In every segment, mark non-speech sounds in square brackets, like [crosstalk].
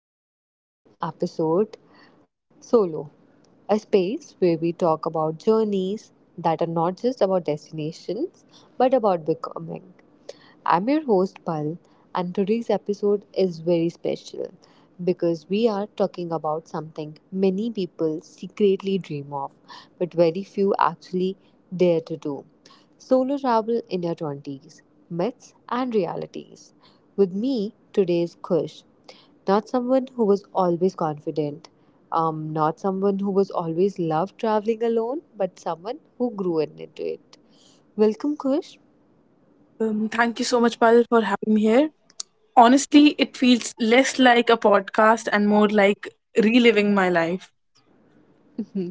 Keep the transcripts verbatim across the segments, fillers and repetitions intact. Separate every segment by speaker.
Speaker 1: to our new episode, Solo, a space where we talk about journeys that are not just about destinations but about becoming. I'm your host Pal, and today's episode is very special because we are talking about something many people secretly dream of, but very few actually dare to do solo travel in your twenties, myths and realities. With me today is Kush, not someone who was always confident, um, not someone who was always loved traveling alone, but someone who grew into it. Welcome, Kush.
Speaker 2: Um, thank you so much, Pal, for having me here. Honestly, it feels less like a podcast and more like reliving my life,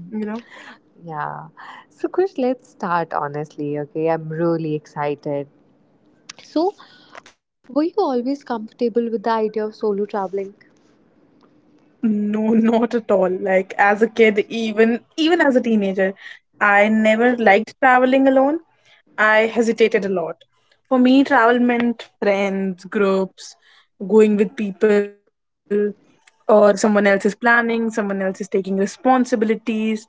Speaker 2: you know?
Speaker 1: Yeah. So, Kush, let's start honestly, okay? I'm really excited. So, were you always comfortable with the idea of solo traveling?
Speaker 2: No, [laughs] not at all. Like as a kid, even even as a teenager, I never liked traveling alone. I hesitated a lot. For me, travel meant friends, groups, going with people, or someone else is planning, someone else is taking responsibilities.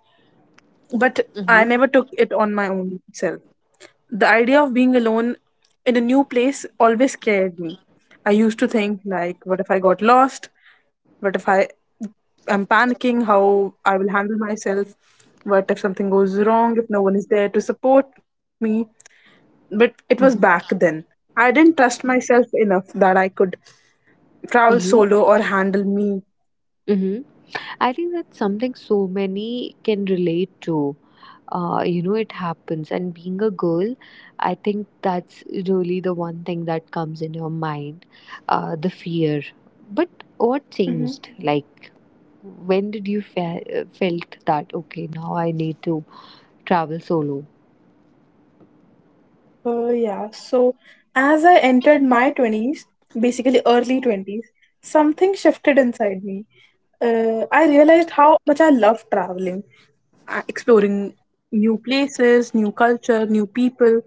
Speaker 2: But I never
Speaker 1: Mm-hmm.
Speaker 2: took it on my own self. The idea of being alone in a new place always scared me. I used to think like, what if I got lost? What if I I'm panicking? How I will handle myself? What if something goes wrong? If no one is there to support me? But it was
Speaker 1: Mm-hmm.
Speaker 2: back then. I didn't trust myself enough that I could travel
Speaker 1: Mm-hmm.
Speaker 2: solo or handle me.
Speaker 1: Mm-hmm. I think that's something so many can relate to. Uh, you know, it happens. And being a girl, I think that's really the one thing that comes in your mind, uh, the fear. But what changed? Like, when did you fe- felt that, okay, now I need to travel solo?
Speaker 2: Well, yeah. So, as I entered my twenties, basically early twenties, something shifted inside me. Uh, I realized how much I love traveling, uh, exploring new places, new culture, new people,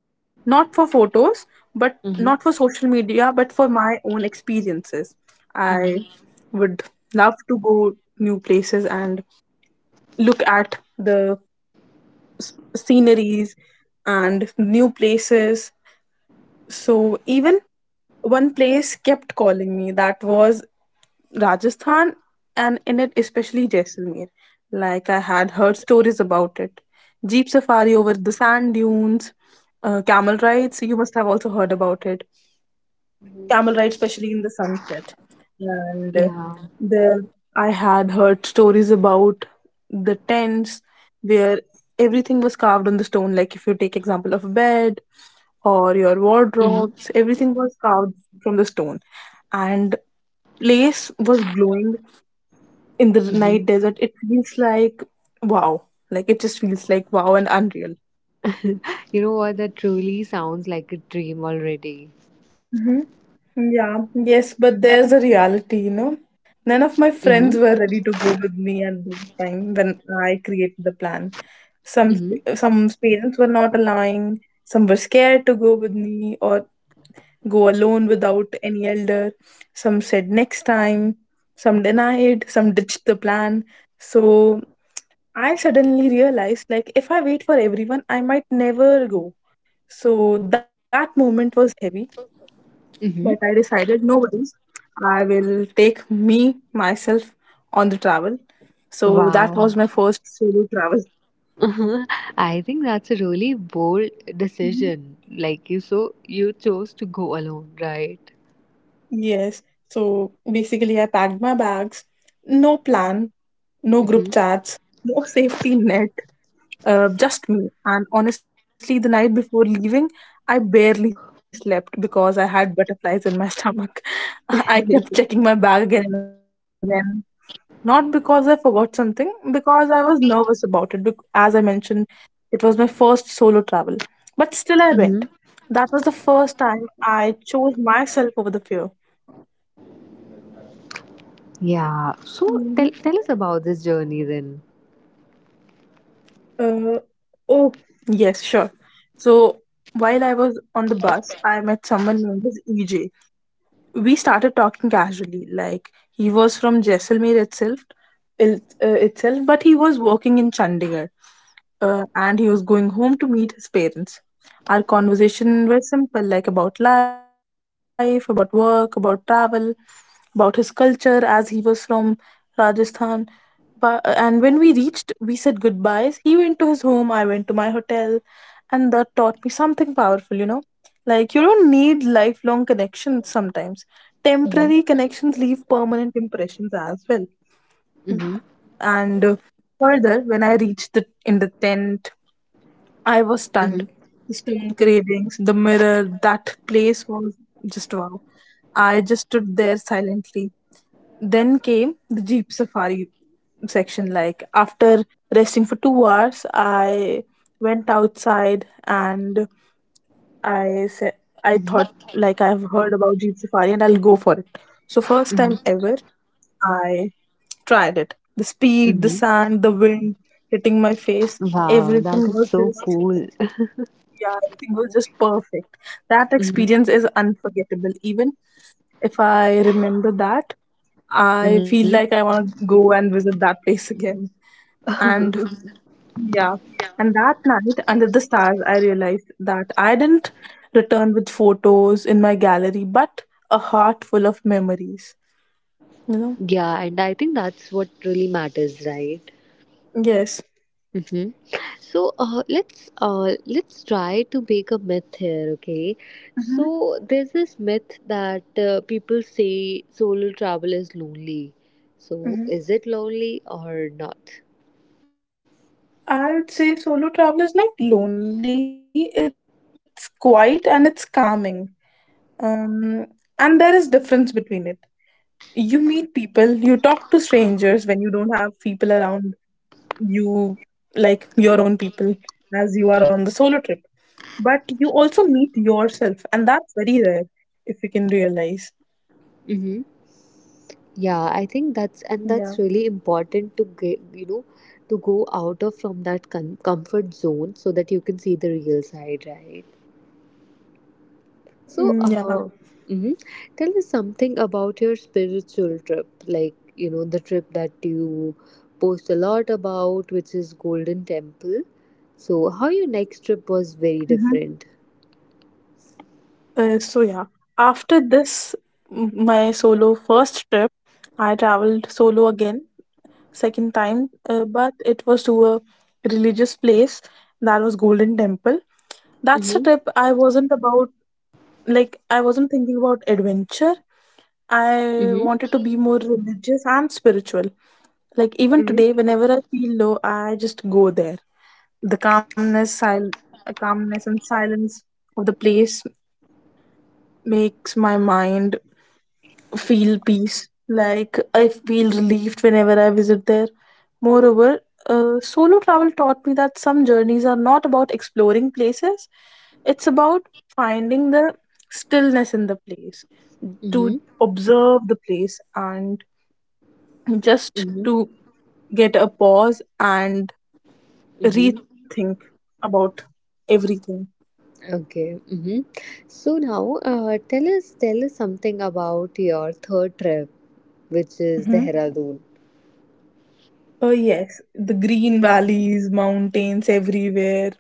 Speaker 2: not for photos, but not for
Speaker 1: Mhm.
Speaker 2: social media, but for my own experiences. I
Speaker 1: Mhm.
Speaker 2: would love to go new places and look at the s- sceneries and new places, so even one place kept calling me. That was Rajasthan, and in it especially Jaisalmer. Like I had heard stories about it. Jeep safari over the sand dunes, uh, camel rides, you must have also heard about it,
Speaker 1: Mhm.
Speaker 2: camel ride, especially in the sunset. And uh,
Speaker 1: Yeah.
Speaker 2: there I had heard stories about the tents, where everything was carved on the stone. Like if you take example of a bed or your
Speaker 1: Mhm.
Speaker 2: wardrobes, everything was carved from the stone. And place was glowing in the night
Speaker 1: Mhm.
Speaker 2: desert. It feels like wow. Like it just feels like wow and unreal.
Speaker 1: [laughs] You know what? That truly sounds like a dream already.
Speaker 2: Mhm. Yeah, yes, but there's a reality, you know. None of my
Speaker 1: Mm-hmm.
Speaker 2: friends were ready to go with me at the time when I created the plan. Some
Speaker 1: Mm-hmm.
Speaker 2: sp- some parents were not allowing, some were scared to go with me or go alone without any elder. Some said next time, some denied, some ditched the plan. So I suddenly realized, like, if I wait for everyone, I might never go. So that moment was heavy, but
Speaker 1: Mm-hmm.
Speaker 2: I decided no worries. I will take me myself on the travel. So that
Speaker 1: Wow.
Speaker 2: was my first solo travel.
Speaker 1: [laughs] I think that's a really bold
Speaker 2: Mhm.
Speaker 1: decision. Like, you so you chose to go alone, right?
Speaker 2: Yes. So basically, I packed my bags. No plan, no group
Speaker 1: Mm-hmm.
Speaker 2: chats, no safety net, uh, just me. And honestly, the night before leaving, I barely slept because I had butterflies in my stomach. [laughs] I kept checking my bag again and again. Not because I forgot something, because I was nervous about it. bec- As I mentioned, it was my first solo travel. But still, I went. That
Speaker 1: Mm-hmm.
Speaker 2: was the
Speaker 1: [laughs]
Speaker 2: first time I chose myself over the fear.
Speaker 1: Yeah. So,
Speaker 2: Mm-hmm.
Speaker 1: tell tell us about this journey then.
Speaker 2: Uh, oh, Yes, sure. So while I was on the bus, I met someone named as E J. We started talking casually. Like he was from Jaisalmer itself il- uh, itself, but he was working in Chandigarh. Uh, and he was going home to meet his parents. Our conversation was simple, like about life, about work, about travel, about his culture, as he was from Rajasthan. But, and when we reached, we said goodbyes. He went to his home, I went to my hotel. And that taught me something powerful, you know, like you don't need lifelong connections sometimes.
Speaker 1: Mm-hmm.
Speaker 2: Temporary connections leave permanent impressions as well.
Speaker 1: Mm-hmm.
Speaker 2: And uh, further, when I reached the, in the tent, I was
Speaker 1: Mm-hmm.
Speaker 2: stunned. The stone carvings, the mirror, that place was just wow. I just stood there silently. Then came the jeep safari section. Like after resting for two hours, I went outside and I said I thought, like, I've heard about Jeep Safari and I'll go for it. So first time
Speaker 1: Mm-hmm.
Speaker 2: ever, I tried it. The speed, the
Speaker 1: Mm-hmm.
Speaker 2: sand, the wind hitting my face,
Speaker 1: Wow, that
Speaker 2: everything
Speaker 1: is
Speaker 2: was
Speaker 1: so
Speaker 2: just,
Speaker 1: cool.
Speaker 2: yeah, everything was just perfect. That experience is
Speaker 1: [laughs]
Speaker 2: unforgettable. Even if I remember that, I feel
Speaker 1: Mm-hmm.
Speaker 2: like I want to go and visit that place again. And yeah. And that night, under the stars, I realized that I didn't return with photos in my gallery, but a heart full of memories. You know?
Speaker 1: Yeah, and I think that's what really matters, right?
Speaker 2: Yes.
Speaker 1: hmm So, uh, let's uh, let's try to make a myth here, okay?
Speaker 2: Mm-hmm.
Speaker 1: So, there's this myth that uh, people say solo travel is lonely. So,
Speaker 2: Mm-hmm.
Speaker 1: is it lonely or not?
Speaker 2: I would say solo travel is not lonely, it's quiet and it's calming. Um, and there is difference between it. You meet people, you talk to strangers when you don't have people around you, like your own people, as you are on the solo trip. But you also meet yourself, and that's very rare if you can realize.
Speaker 1: Mm-hmm. Yeah, I think that's and
Speaker 2: Yeah.
Speaker 1: that's really important to get, you know to go out of from that com- comfort zone so that you can see the real side, right? So, uh,
Speaker 2: Mm, yeah.
Speaker 1: mhm. tell us something about your spiritual trip, like, you know, the trip that you post a lot about, which is Golden Temple. So, how your next trip was very
Speaker 2: Mhm.
Speaker 1: different.
Speaker 2: Uh, so yeah, after this, m- my solo first trip, I traveled solo again, second time, uh, but it was to a religious place. That was Golden Temple. That's a
Speaker 1: Mm-hmm.
Speaker 2: trip I wasn't about like I wasn't thinking about adventure.
Speaker 1: Mm-hmm.
Speaker 2: I wanted to be more religious and spiritual. Like
Speaker 1: Mm-hmm.
Speaker 2: even today, whenever I feel low, I just go there. The calmness, sil- uh, calmness and silence of the place makes my mind feel peace. Like I feel relieved whenever I visit there. Moreover, uh, solo travel taught me that some journeys are not about exploring places, it's about finding the stillness in the place,
Speaker 1: Mm-hmm.
Speaker 2: to observe the place, and just
Speaker 1: Mm-hmm.
Speaker 2: to get a pause and
Speaker 1: Mm-hmm.
Speaker 2: rethink about everything.
Speaker 1: Okay. Mm-hmm. So now, uh, tell us, tell us something about your third trip, which is Dehradun.
Speaker 2: Oh, yes, the green valleys, mountains everywhere.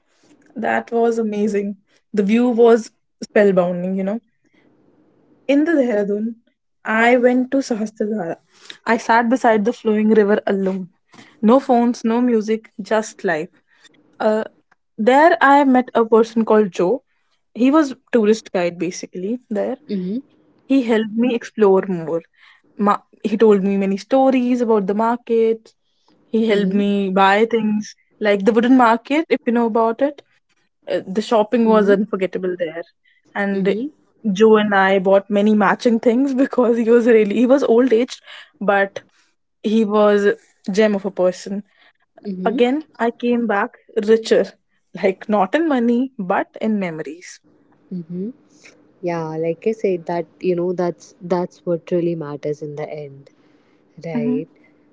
Speaker 2: That was amazing. The view was spellbinding, you know. In the Dehradun, I went to Sahastradhara. I sat beside the flowing river alone. No phones, no music, just life. Uh, there I met a person called Joe. He was tourist guide basically there.
Speaker 1: Mm-hmm.
Speaker 2: He helped me explore more. Ma- he told me many stories about the market. He helped
Speaker 1: Mm-hmm.
Speaker 2: me buy things, like the wooden market, if you know about it. Uh, the shopping
Speaker 1: Mm-hmm.
Speaker 2: was unforgettable there. And
Speaker 1: Mm-hmm.
Speaker 2: Joe and I bought many matching things, [laughs] because he was really he was old aged, but he was gem of a person. Again I came back richer, like not in money but in memories.
Speaker 1: Mm-hmm. Yeah, like I said, that you know, that's that's what really matters in the end,
Speaker 2: Mm-hmm.
Speaker 1: right?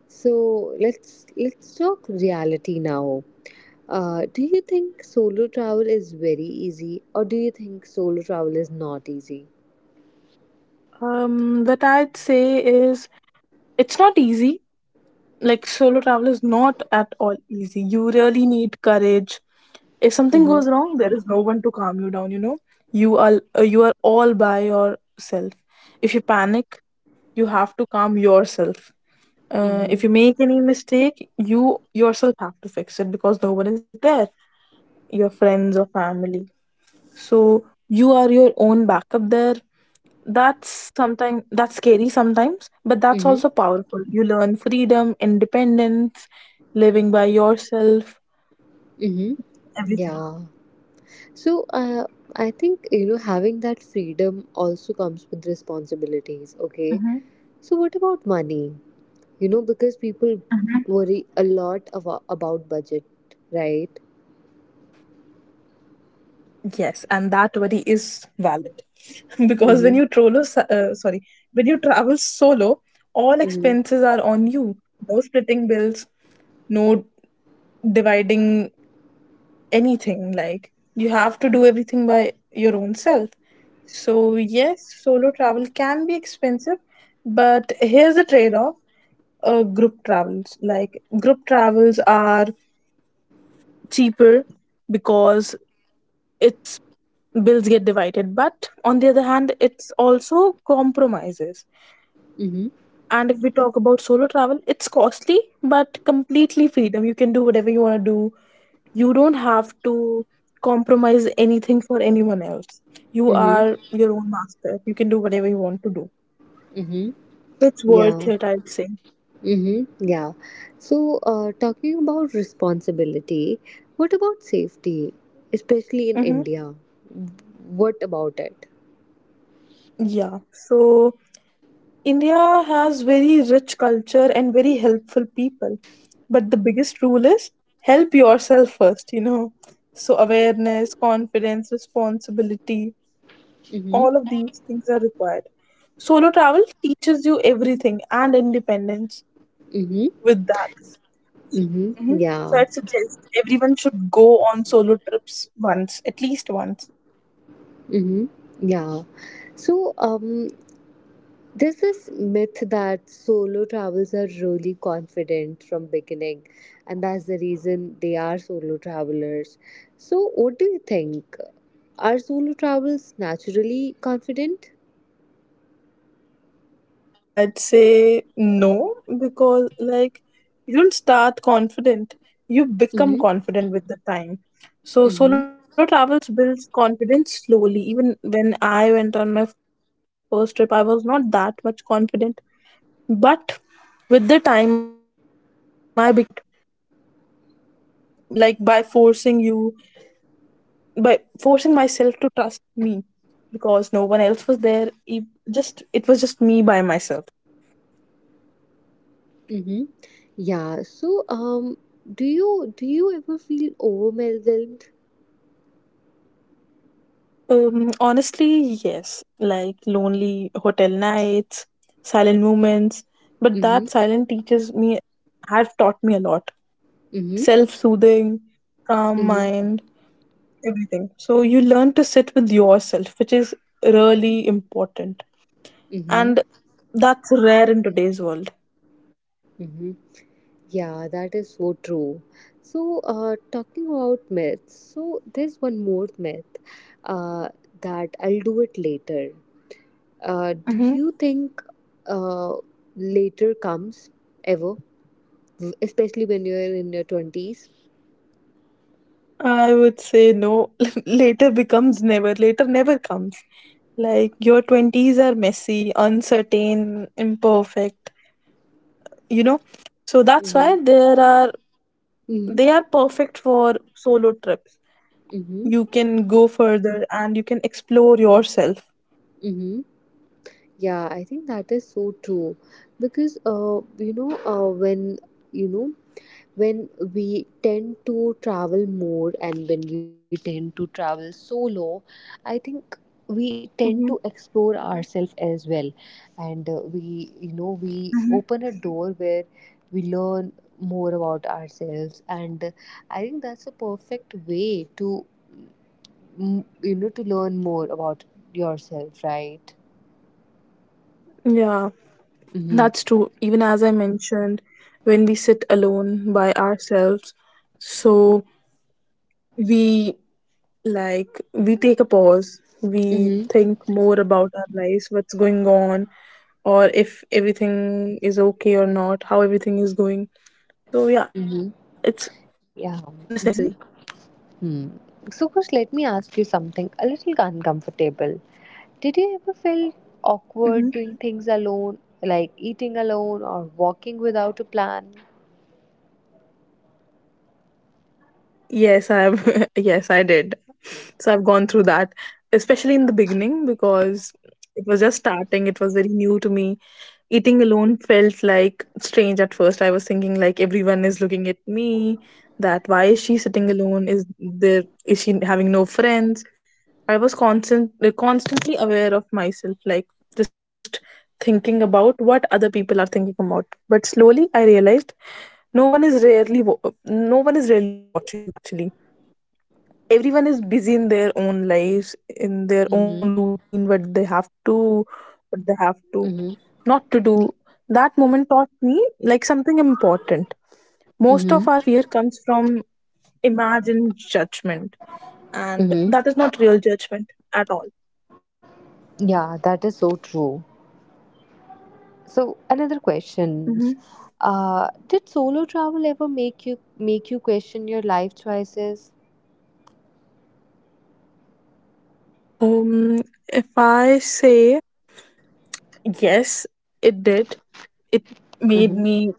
Speaker 1: So, let's let's talk reality now. Uh, do you think solo travel is very easy, or do you think solo travel is not easy?
Speaker 2: Um, that I'd say is, it's not easy. Like solo travel is not at all easy. You really need courage. If something goes
Speaker 1: Mhm.
Speaker 2: wrong, there is no one to calm you down, you know. You are uh, you are all by yourself. If you panic, you have to calm yourself. Uh, if
Speaker 1: Mhm.
Speaker 2: you make any mistake, you yourself have to fix it because no one is there, your friends or family. So you are your own backup there. That's sometimes that's scary sometimes, but that's
Speaker 1: Mhm.
Speaker 2: also powerful. You learn freedom, independence, living by yourself,
Speaker 1: Mhm.
Speaker 2: everything.
Speaker 1: Yeah. So, uh, I think, you know having that freedom also comes with responsibilities. Okay.
Speaker 2: Hmm.
Speaker 1: So, what about money? You know, because people worry a lot abo- about budget, right?
Speaker 2: Yes, and that worry is valid, [laughs] because when
Speaker 1: Mm-hmm.
Speaker 2: you trolo, uh, sorry, when you travel solo, all
Speaker 1: Mm-hmm.
Speaker 2: expenses are on you. No splitting bills, no dividing anything. Like you have to do everything by your own self. So, yes, solo travel can be expensive, but here's the trade-off. Uh, group travels, like group travels are cheaper because its bills get divided, but on the other hand, it's also compromises.
Speaker 1: Mm-hmm.
Speaker 2: And if we talk about solo travel, it's costly, but completely freedom. You can do whatever you want to do. You don't have to compromise anything for anyone else. You
Speaker 1: Mm-hmm.
Speaker 2: are your own master. You can do whatever you want to do.
Speaker 1: Mm-hmm.
Speaker 2: It's worth
Speaker 1: Yeah.
Speaker 2: it, I'd say.
Speaker 1: Mm-hmm. Yeah. So, uh, talking about responsibility, what about safety, especially in
Speaker 2: Mm-hmm.
Speaker 1: India? What about it?
Speaker 2: Yeah. So India has very rich culture and very helpful people. But the biggest rule is help yourself first, you know. So awareness, confidence, responsibility,
Speaker 1: Mm-hmm.
Speaker 2: all of these things are required. Solo travel teaches you everything and independence
Speaker 1: Mm-hmm.
Speaker 2: with that.
Speaker 1: Mm-hmm.
Speaker 2: hmm So
Speaker 1: Yeah.
Speaker 2: I'd suggest everyone should go on solo trips once, at least once.
Speaker 1: Mm-hmm. Yeah. So, um, there's this myth that solo travels are really confident from beginning, and that's the reason they are solo travelers. So, what do you think? Are solo travels naturally confident?
Speaker 2: I'd say no, because like you don't start confident. You become
Speaker 1: Mm-hmm.
Speaker 2: confident with the time. So
Speaker 1: Mm-hmm.
Speaker 2: solo travels builds confidence slowly. Even when I went on my first trip, I was not that much confident. But with the time I became confident. Like by forcing you by forcing myself to trust me because no one else was there. It just it was just me by myself.
Speaker 1: Mm-hmm. Yeah. So, um, do you do you ever feel overwhelmed?
Speaker 2: Um, honestly, yes. Like lonely hotel nights, silent moments. But
Speaker 1: Mm-hmm.
Speaker 2: that silent teaches me, have taught me a lot.
Speaker 1: Mm-hmm.
Speaker 2: Self soothing, calm
Speaker 1: Mm-hmm.
Speaker 2: mind, everything. So you learn to sit with yourself, which is really important.
Speaker 1: Mm-hmm.
Speaker 2: And that's rare in today's world.
Speaker 1: Mm-hmm. Yeah, that is so true. So, uh, talking about myths, so there's one more myth, uh, that I'll do it later. Uh, do
Speaker 2: Hmm.
Speaker 1: you think, uh, later comes ever, W- especially when you're in your twenties?
Speaker 2: I would say no. [laughs] Later becomes never. Later never comes. Like your twenties are messy, uncertain, imperfect you know so that's
Speaker 1: Mm-hmm.
Speaker 2: why there are they are
Speaker 1: Mm-hmm.
Speaker 2: perfect for solo trips.
Speaker 1: Mm-hmm.
Speaker 2: You can go further and you can explore yourself.
Speaker 1: Mm-hmm. Yeah, I think that is so true because uh, you know uh, when you know when we tend to travel more, and when we tend to travel solo, I think we
Speaker 2: Mhm.
Speaker 1: tend to explore ourselves as well. And, uh, we you know we open a door where we learn more about ourselves. And, uh, I think that's a perfect way to mm, you know to learn more about yourself, right?
Speaker 2: Yeah,
Speaker 1: Mm-hmm.
Speaker 2: that's true. Even as I mentioned, when we sit alone by ourselves, so we like we take a pause. We
Speaker 1: Mm-hmm.
Speaker 2: think more about our lives, what's going on or if everything is okay or not, how everything is going. So yeah,
Speaker 1: Mm-hmm.
Speaker 2: it's necessary.
Speaker 1: Yeah. Mm-hmm hmm. So, Kush, let me ask you something a little uncomfortable. Did you ever feel
Speaker 2: Hmm,
Speaker 1: awkward doing things alone, like eating alone or walking without a plan?
Speaker 2: yes I have, [laughs] yes I did. So I've gone through that, especially in the beginning because it was just starting, it was very new to me. Eating alone felt like strange at first. I was thinking like everyone is looking at me, that why is she sitting alone? Is there is she having no friends? I was constant like, constantly aware of myself, like just thinking about what other people are thinking about. But slowly I realized no one is rarely wa- no one is really watching you, actually. Everyone is busy in their own lives, in their
Speaker 1: Mm-hmm.
Speaker 2: own routine, what they have to what they have to
Speaker 1: Mm-hmm.
Speaker 2: not to do. That moment taught me like something important. Most
Speaker 1: Mm-hmm.
Speaker 2: of our fear comes from imagined judgment, and that is
Speaker 1: Mm-hmm.
Speaker 2: not real judgment at all.
Speaker 1: Yeah, that is so true. So, another questions.
Speaker 2: Hmm.
Speaker 1: Uh, did solo travel ever make you make you question your life choices?
Speaker 2: Um, if I say yes, it did. It
Speaker 1: Mm-hmm.
Speaker 2: made me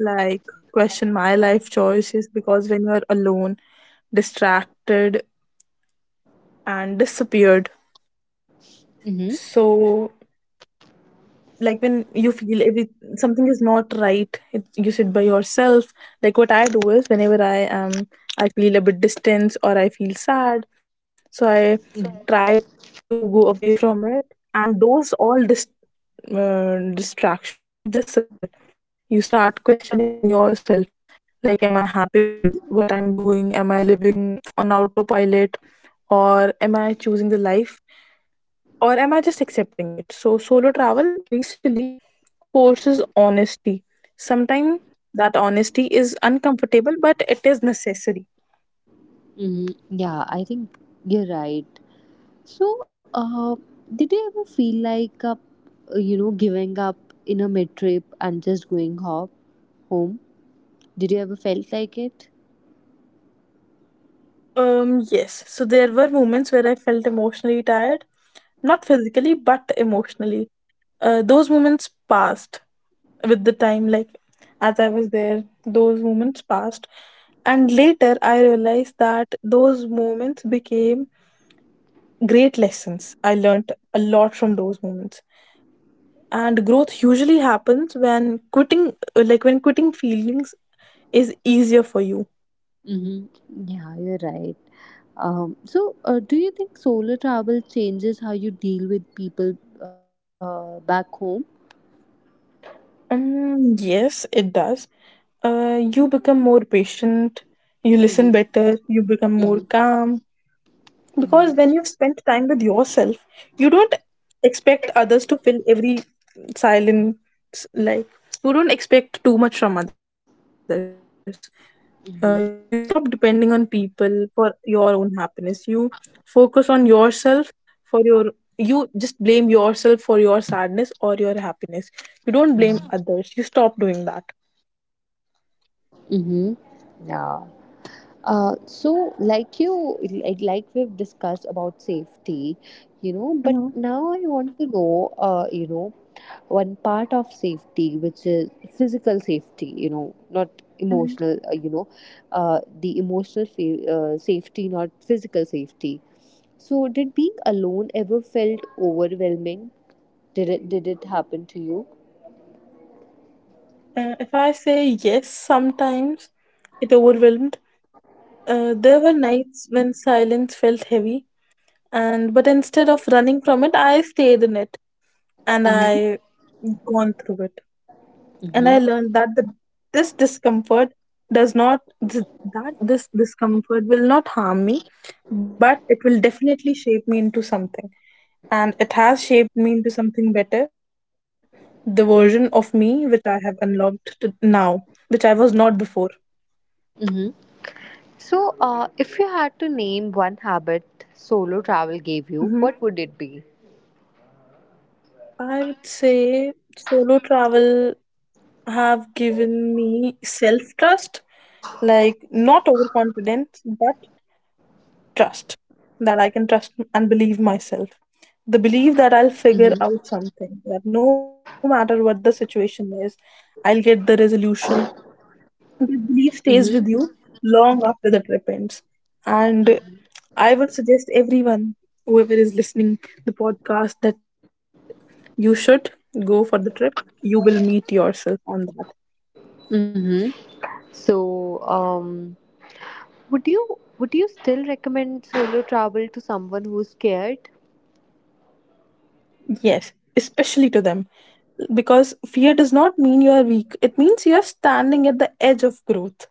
Speaker 2: like question my life choices because when you're alone, distracted, and disappeared,
Speaker 1: Mm-hmm.
Speaker 2: so like when you feel every something is not right, it, you sit by yourself. Like what I do is whenever i am I feel a bit distance or I feel sad, so I try to go away from it, and those all dis- uh, distractions disappear. You start questioning then yourself, like am I happy with what I'm doing? Am I living on autopilot, or am I choosing the life, or am I just accepting it? So, solo travel basically forces honesty. Sometimes that honesty is uncomfortable, but it is necessary.
Speaker 1: Mm-hmm. Yeah, I think you're right. So, uh, did you ever feel like, uh, you know, giving up in a mid trip and just going home? Home? Did you ever felt like it?
Speaker 2: Um, yes, so there were moments where I felt emotionally tired, not physically, but emotionally. Uh, those moments passed with the time, like as I was there, those moments passed. And later, I realized that those moments became great lessons. I learned a lot from those moments. And growth usually happens when quitting, uh, like when quitting feelings is easier for you.
Speaker 1: hmm Yeah, you're right. Um, so, uh, do you think solo travel changes how you deal with people, uh, back home?
Speaker 2: Um yes it does. Uh you become more patient, you listen
Speaker 1: hmm
Speaker 2: better, you become
Speaker 1: hmm
Speaker 2: more calm. Because
Speaker 1: hmm
Speaker 2: when you've spent time with yourself, you don't expect others to fill every silence. Like, you don't expect too much from others. Uh, you stop
Speaker 1: hmm
Speaker 2: depending on people for your own happiness. You focus on yourself for your. You just blame yourself for your sadness or your happiness. You don't blame
Speaker 1: Mm-hmm.
Speaker 2: others. You stop doing that.
Speaker 1: Mm-hmm. Yeah. Uh, so, like you, like, like we've discussed about safety, you know, but now I want to know, uh, you know, one part of safety which is physical safety, you know not emotional, uh,
Speaker 2: Mhm.
Speaker 1: you know uh, the emotional fa- uh, safety, not physical safety. So, did being alone ever felt overwhelming? Did it did it happen to you?
Speaker 2: Uh, if I say yes, sometimes it overwhelmed. Uh, there were nights when silence felt heavy, and but instead of running from it, I stayed in it and
Speaker 1: Mm-hmm.
Speaker 2: I gone through it. And I
Speaker 1: Mm-hmm.
Speaker 2: learned that the, this discomfort does not th- that this discomfort will not harm me, but it will definitely shape me into something. And it has shaped me into something better, the version of me which I have unlocked to now, which I was not before.
Speaker 1: Mm-hmm. So, uh, if you had to name one habit solo travel gave
Speaker 2: Mhm.
Speaker 1: you, what would it be?
Speaker 2: I would say solo travel have given me self-trust, like not overconfidence, but trust that I can trust and believe myself. The belief that I'll
Speaker 1: Mm-hmm.
Speaker 2: figure out something, that no matter what the situation is, I'll get the resolution. That belief stays with
Speaker 1: Mm-hmm.
Speaker 2: you long after the trip ends. And I would suggest everyone, whoever is listening the podcast, that you should go for the trip. You will meet yourself on that.
Speaker 1: Mm-hmm. So, um, Would you would you still recommend solo travel to someone who's scared?
Speaker 2: Yes, especially to them. Because fear does not mean you are weak. It means you are standing at the edge of growth.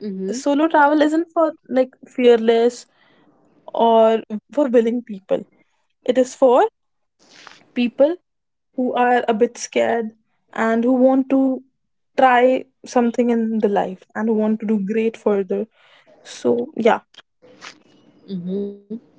Speaker 1: Mm-hmm.
Speaker 2: Solo travel isn't for like fearless or for willing people. It is for people who are a bit scared and who want to try something in the life and who want to do great further. So, yeah,
Speaker 1: Mm-hmm.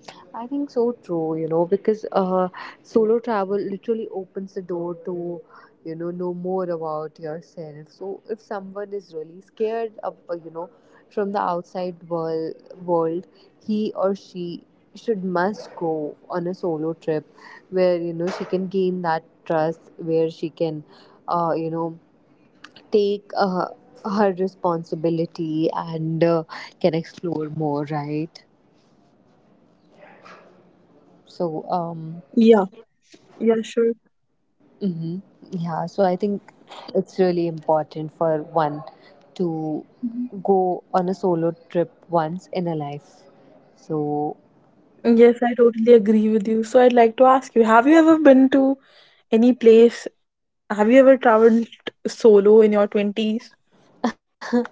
Speaker 1: I think so true, you know, because uh, solo travel literally opens the door to, you know, know more about yourself. So, if someone is really scared of, uh, you know, from the outside world, world, he or she should must go on a solo trip where, you know, she can gain that trust, where she can, uh, you know, take, uh, her responsibility, and, uh, can explore more, right? So,
Speaker 2: yeah,
Speaker 1: um,
Speaker 2: yeah, sure.
Speaker 1: mhm. yeah, so I think it's really important for one to
Speaker 2: Mhm.
Speaker 1: go on a solo trip once in a life. So,
Speaker 2: Yes, I totally agree with you. So, I'd like to ask you, have you ever been to any place? Have you ever traveled solo in your twenties?
Speaker 1: [laughs]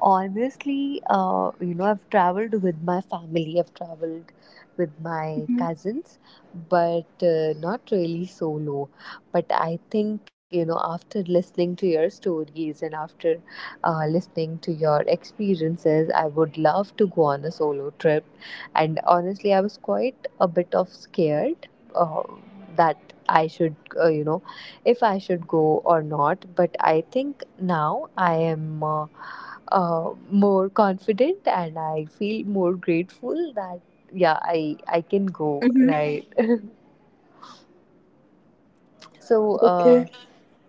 Speaker 1: honestly, uh, you know, I've traveled with my family, I've traveled with my
Speaker 2: Hmm.
Speaker 1: cousins, but, uh, not really solo. But I think, you know, after listening to your stories, and after, uh, listening to your experiences, I would love to go on a solo trip. And honestly, I was quite a bit of scared, uh, that I should, uh, you know, if I should go or not. But I think now I am, Uh, uh, more confident, and I feel more grateful that, yeah, I I can
Speaker 2: Hmm.
Speaker 1: go, right. [laughs] So,
Speaker 2: Okay.
Speaker 1: uh,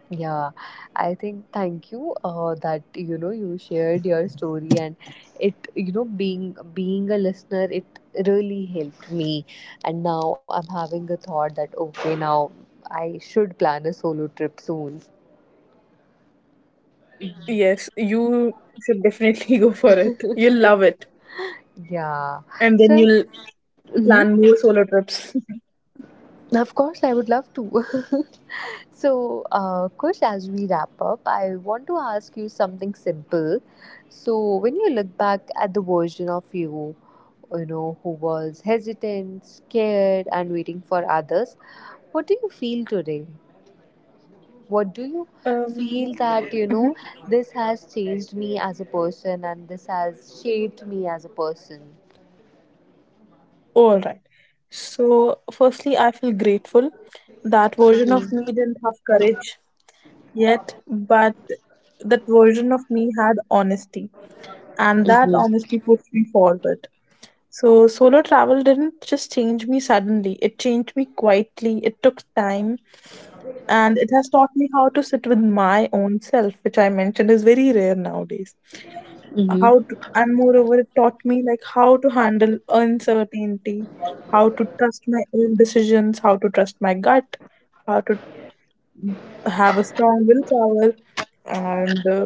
Speaker 1: yeah, I think thank you, uh, that, you know you shared your story, and, it you know being being a listener, it really helped me, and now I'm having a thought that okay, now I should plan a solo trip soon.
Speaker 2: Yes, you should definitely [laughs] go for it. You'll
Speaker 1: [laughs]
Speaker 2: love it.
Speaker 1: Yeah.
Speaker 2: And then
Speaker 1: So,
Speaker 2: you'll
Speaker 1: hmm
Speaker 2: plan more solo trips. [laughs]
Speaker 1: of course, I would love to. [laughs] So, uh, Kush, as we wrap up, I want to ask you something simple. So, when you look back at the version of you, you know, who was hesitant, scared, and waiting for others, what do you feel today? What do you
Speaker 2: Um,
Speaker 1: feel that, you know,
Speaker 2: mhm.
Speaker 1: this has changed me as a person and this has shaped me as a person?
Speaker 2: All right. So, firstly, I feel grateful. That version of me didn't have courage yet, but that version of me had honesty, and that
Speaker 1: Mm-hmm.
Speaker 2: honesty pushed me forward. So, solo travel didn't just change me suddenly, it changed me quietly. It took time and it has taught me how to sit with my own self, which I mentioned is very rare nowadays.
Speaker 1: Mm-hmm.
Speaker 2: How to, and moreover, it taught me like how to handle uncertainty, how to trust my own decisions, how to trust my gut, how to have a strong willpower, and uh,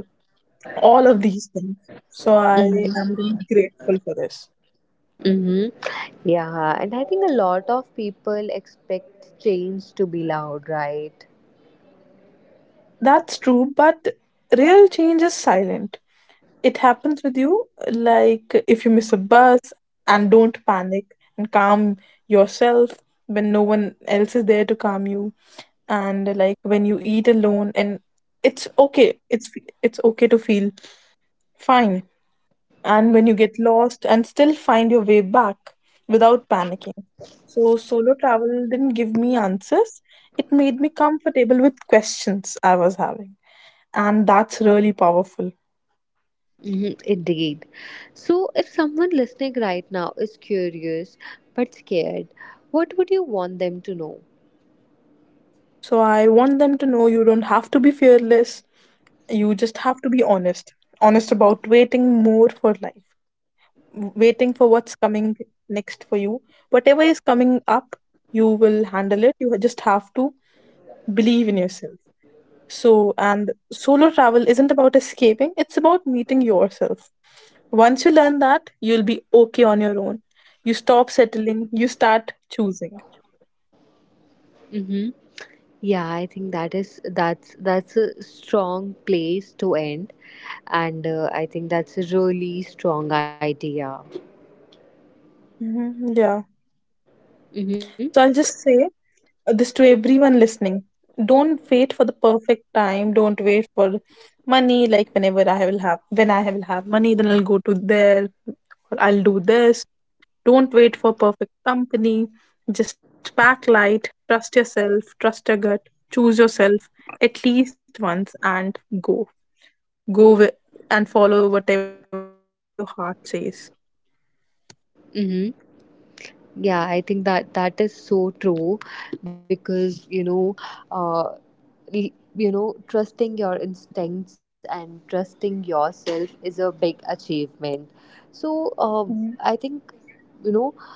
Speaker 2: all of these things. So, I am
Speaker 1: Mm-hmm.
Speaker 2: really grateful for this.
Speaker 1: hmm Yeah, and I think a lot of people expect change to be loud, right?
Speaker 2: That's true, but real change is silent. It happens with you, like if you miss a bus and don't panic and calm yourself when no one else is there to calm you, and like when you eat alone, and it's okay. It's it's okay to feel fine, and when you get lost and still find your way back without panicking. So solo travel didn't give me answers. It made me comfortable with questions I was having and that's really powerful.
Speaker 1: hmm Indeed. So, if someone listening right now is curious but scared, what would you want them to know?
Speaker 2: So I want them to know you don't have to be fearless. You just have to be honest. Honest about waiting more for life, w- waiting for what's coming next for you. Whatever is coming up, you will handle it. You just have to believe in yourself. So, and solo travel isn't about escaping, it's about meeting yourself. Once you learn that, you'll be okay on your own. You stop settling, you start choosing.
Speaker 1: hmm Yeah, I think that is that's that's a strong place to end, and, uh, I think that's a really strong idea.
Speaker 2: Hmm. Yeah.
Speaker 1: Mm-hmm.
Speaker 2: So I'll just say uh, this to everyone listening. Don't wait for the perfect time. Don't wait for money. Like whenever I will have, when I will have money, then I'll go to there or I'll do this. Don't wait for perfect company. Just pack light. Trust yourself. Trust your gut. Choose yourself at least once and go. Go with, and follow whatever your heart says.
Speaker 1: Mm-hmm. Yeah, I think that that is so true, because you know, uh, l- you know trusting your instincts and trusting yourself is a big achievement. So, uh,
Speaker 2: Yeah.
Speaker 1: I think, you know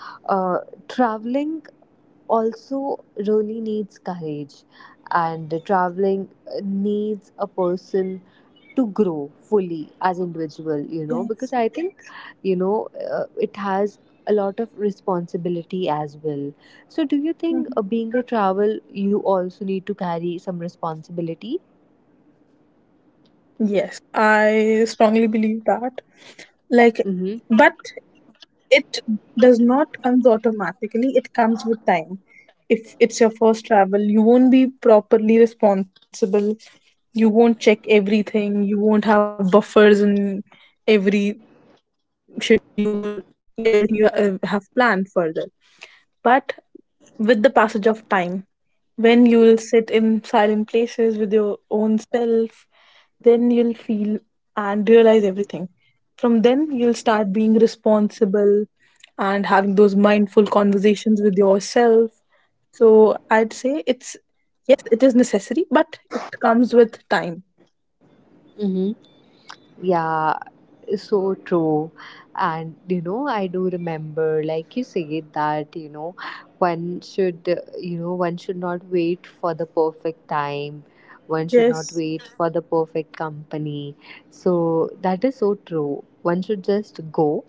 Speaker 1: uh, traveling also really needs courage, and traveling, uh, needs a person to grow fully as individual. You know
Speaker 2: Yes.
Speaker 1: because I think, you know uh, it has a lot of responsibility as well. So, do you think,
Speaker 2: Mhm.
Speaker 1: uh, being a travel, you also need to carry some responsibility?
Speaker 2: Yes, I strongly believe that. Like,
Speaker 1: Mm-hmm.
Speaker 2: but it does not comes automatically, it comes with time. If it's your first travel you won't be properly responsible, you won't check everything, you won't have buffers in every schedule, yeah, everything you uh, have planned further. But with the passage of time, when you will sit in silent places with your own self, then you'll feel and realize everything. From then, you'll start being responsible and having those mindful conversations with yourself. So I'd say it's yes, it is necessary, but it comes with time.
Speaker 1: Mm-hmm. Yeah, so true. And, you know I do remember, like you said, that you know one should, uh, you know one should not wait for the perfect time, one should not wait for
Speaker 2: Yes,
Speaker 1: the perfect company. So, that is so true, one should just go,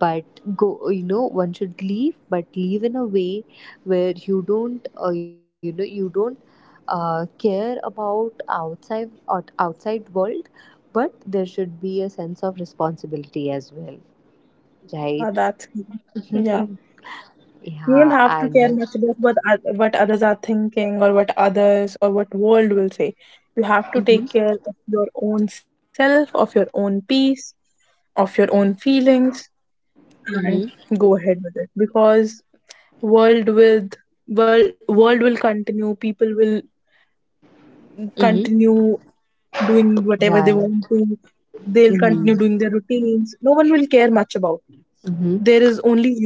Speaker 1: but go you know one should leave, but leave in a way where you don't uh, you know you don't uh, care about outside, out, outside world, but there should be a sense of responsibility as well, right?
Speaker 2: yeah, that's
Speaker 1: [laughs]
Speaker 2: yeah.
Speaker 1: Yeah,
Speaker 2: You don't have
Speaker 1: and
Speaker 2: to
Speaker 1: like,
Speaker 2: care much about what oth- what others are thinking or what others or what world will say. You have to
Speaker 1: mm-hmm,
Speaker 2: take care of your own self, of your own peace, of your own feelings, and
Speaker 1: mm-hmm,
Speaker 2: go ahead with it because world with world world will continue. People will
Speaker 1: mm-hmm,
Speaker 2: continue doing whatever they want
Speaker 1: right,
Speaker 2: to. They'll continue doing
Speaker 1: mm-hmm,
Speaker 2: their routines. No one will care much about. You.
Speaker 1: mm-hmm,
Speaker 2: There is only you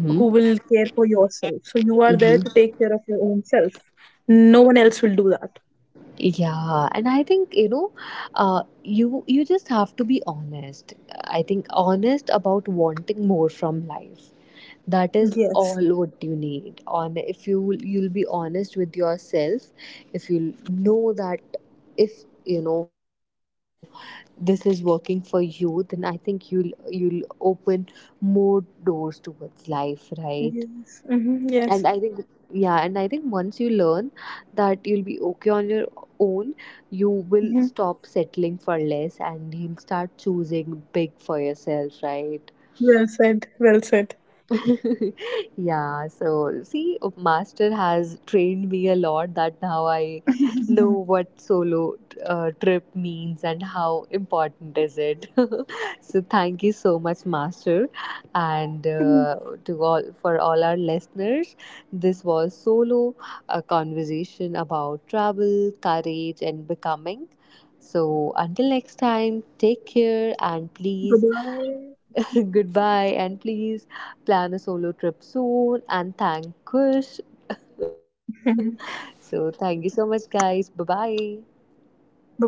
Speaker 2: who will care for yourself. So you are there to take
Speaker 1: mm-hmm.
Speaker 2: care of your own self. No one else will do that.
Speaker 1: Yeah, and I think, you know, uh, you you just have to be honest. I think honest about wanting more from life. That is
Speaker 2: Yes.
Speaker 1: all what you need. On, if you, you'll be honest with yourself, if you know that, if you know this is working for you, then I think you'll you'll open more doors towards life, right?
Speaker 2: Yes. Hmm.
Speaker 1: And I
Speaker 2: Yes.
Speaker 1: think, yeah, and I think once you learn that, you'll be okay on your own. You will
Speaker 2: Hmm.
Speaker 1: stop settling for less, and you'll start choosing big for yourself, right?
Speaker 2: Well said. Well said.
Speaker 1: [laughs] Yeah, so see, Master has trained me a lot that now I know
Speaker 2: [laughs]
Speaker 1: what solo, uh, trip means and how important is it. [laughs] So, thank you so much, Master, and, uh, to all for all our listeners. This was Solo, a conversation about travel, courage, and becoming. So, until next time, take care, and
Speaker 2: Bye
Speaker 1: please
Speaker 2: bye.
Speaker 1: [laughs] goodbye, and please plan a solo trip soon. And thank Kush. [laughs] So, thank you so much, guys. Bye bye.
Speaker 2: Bye bye.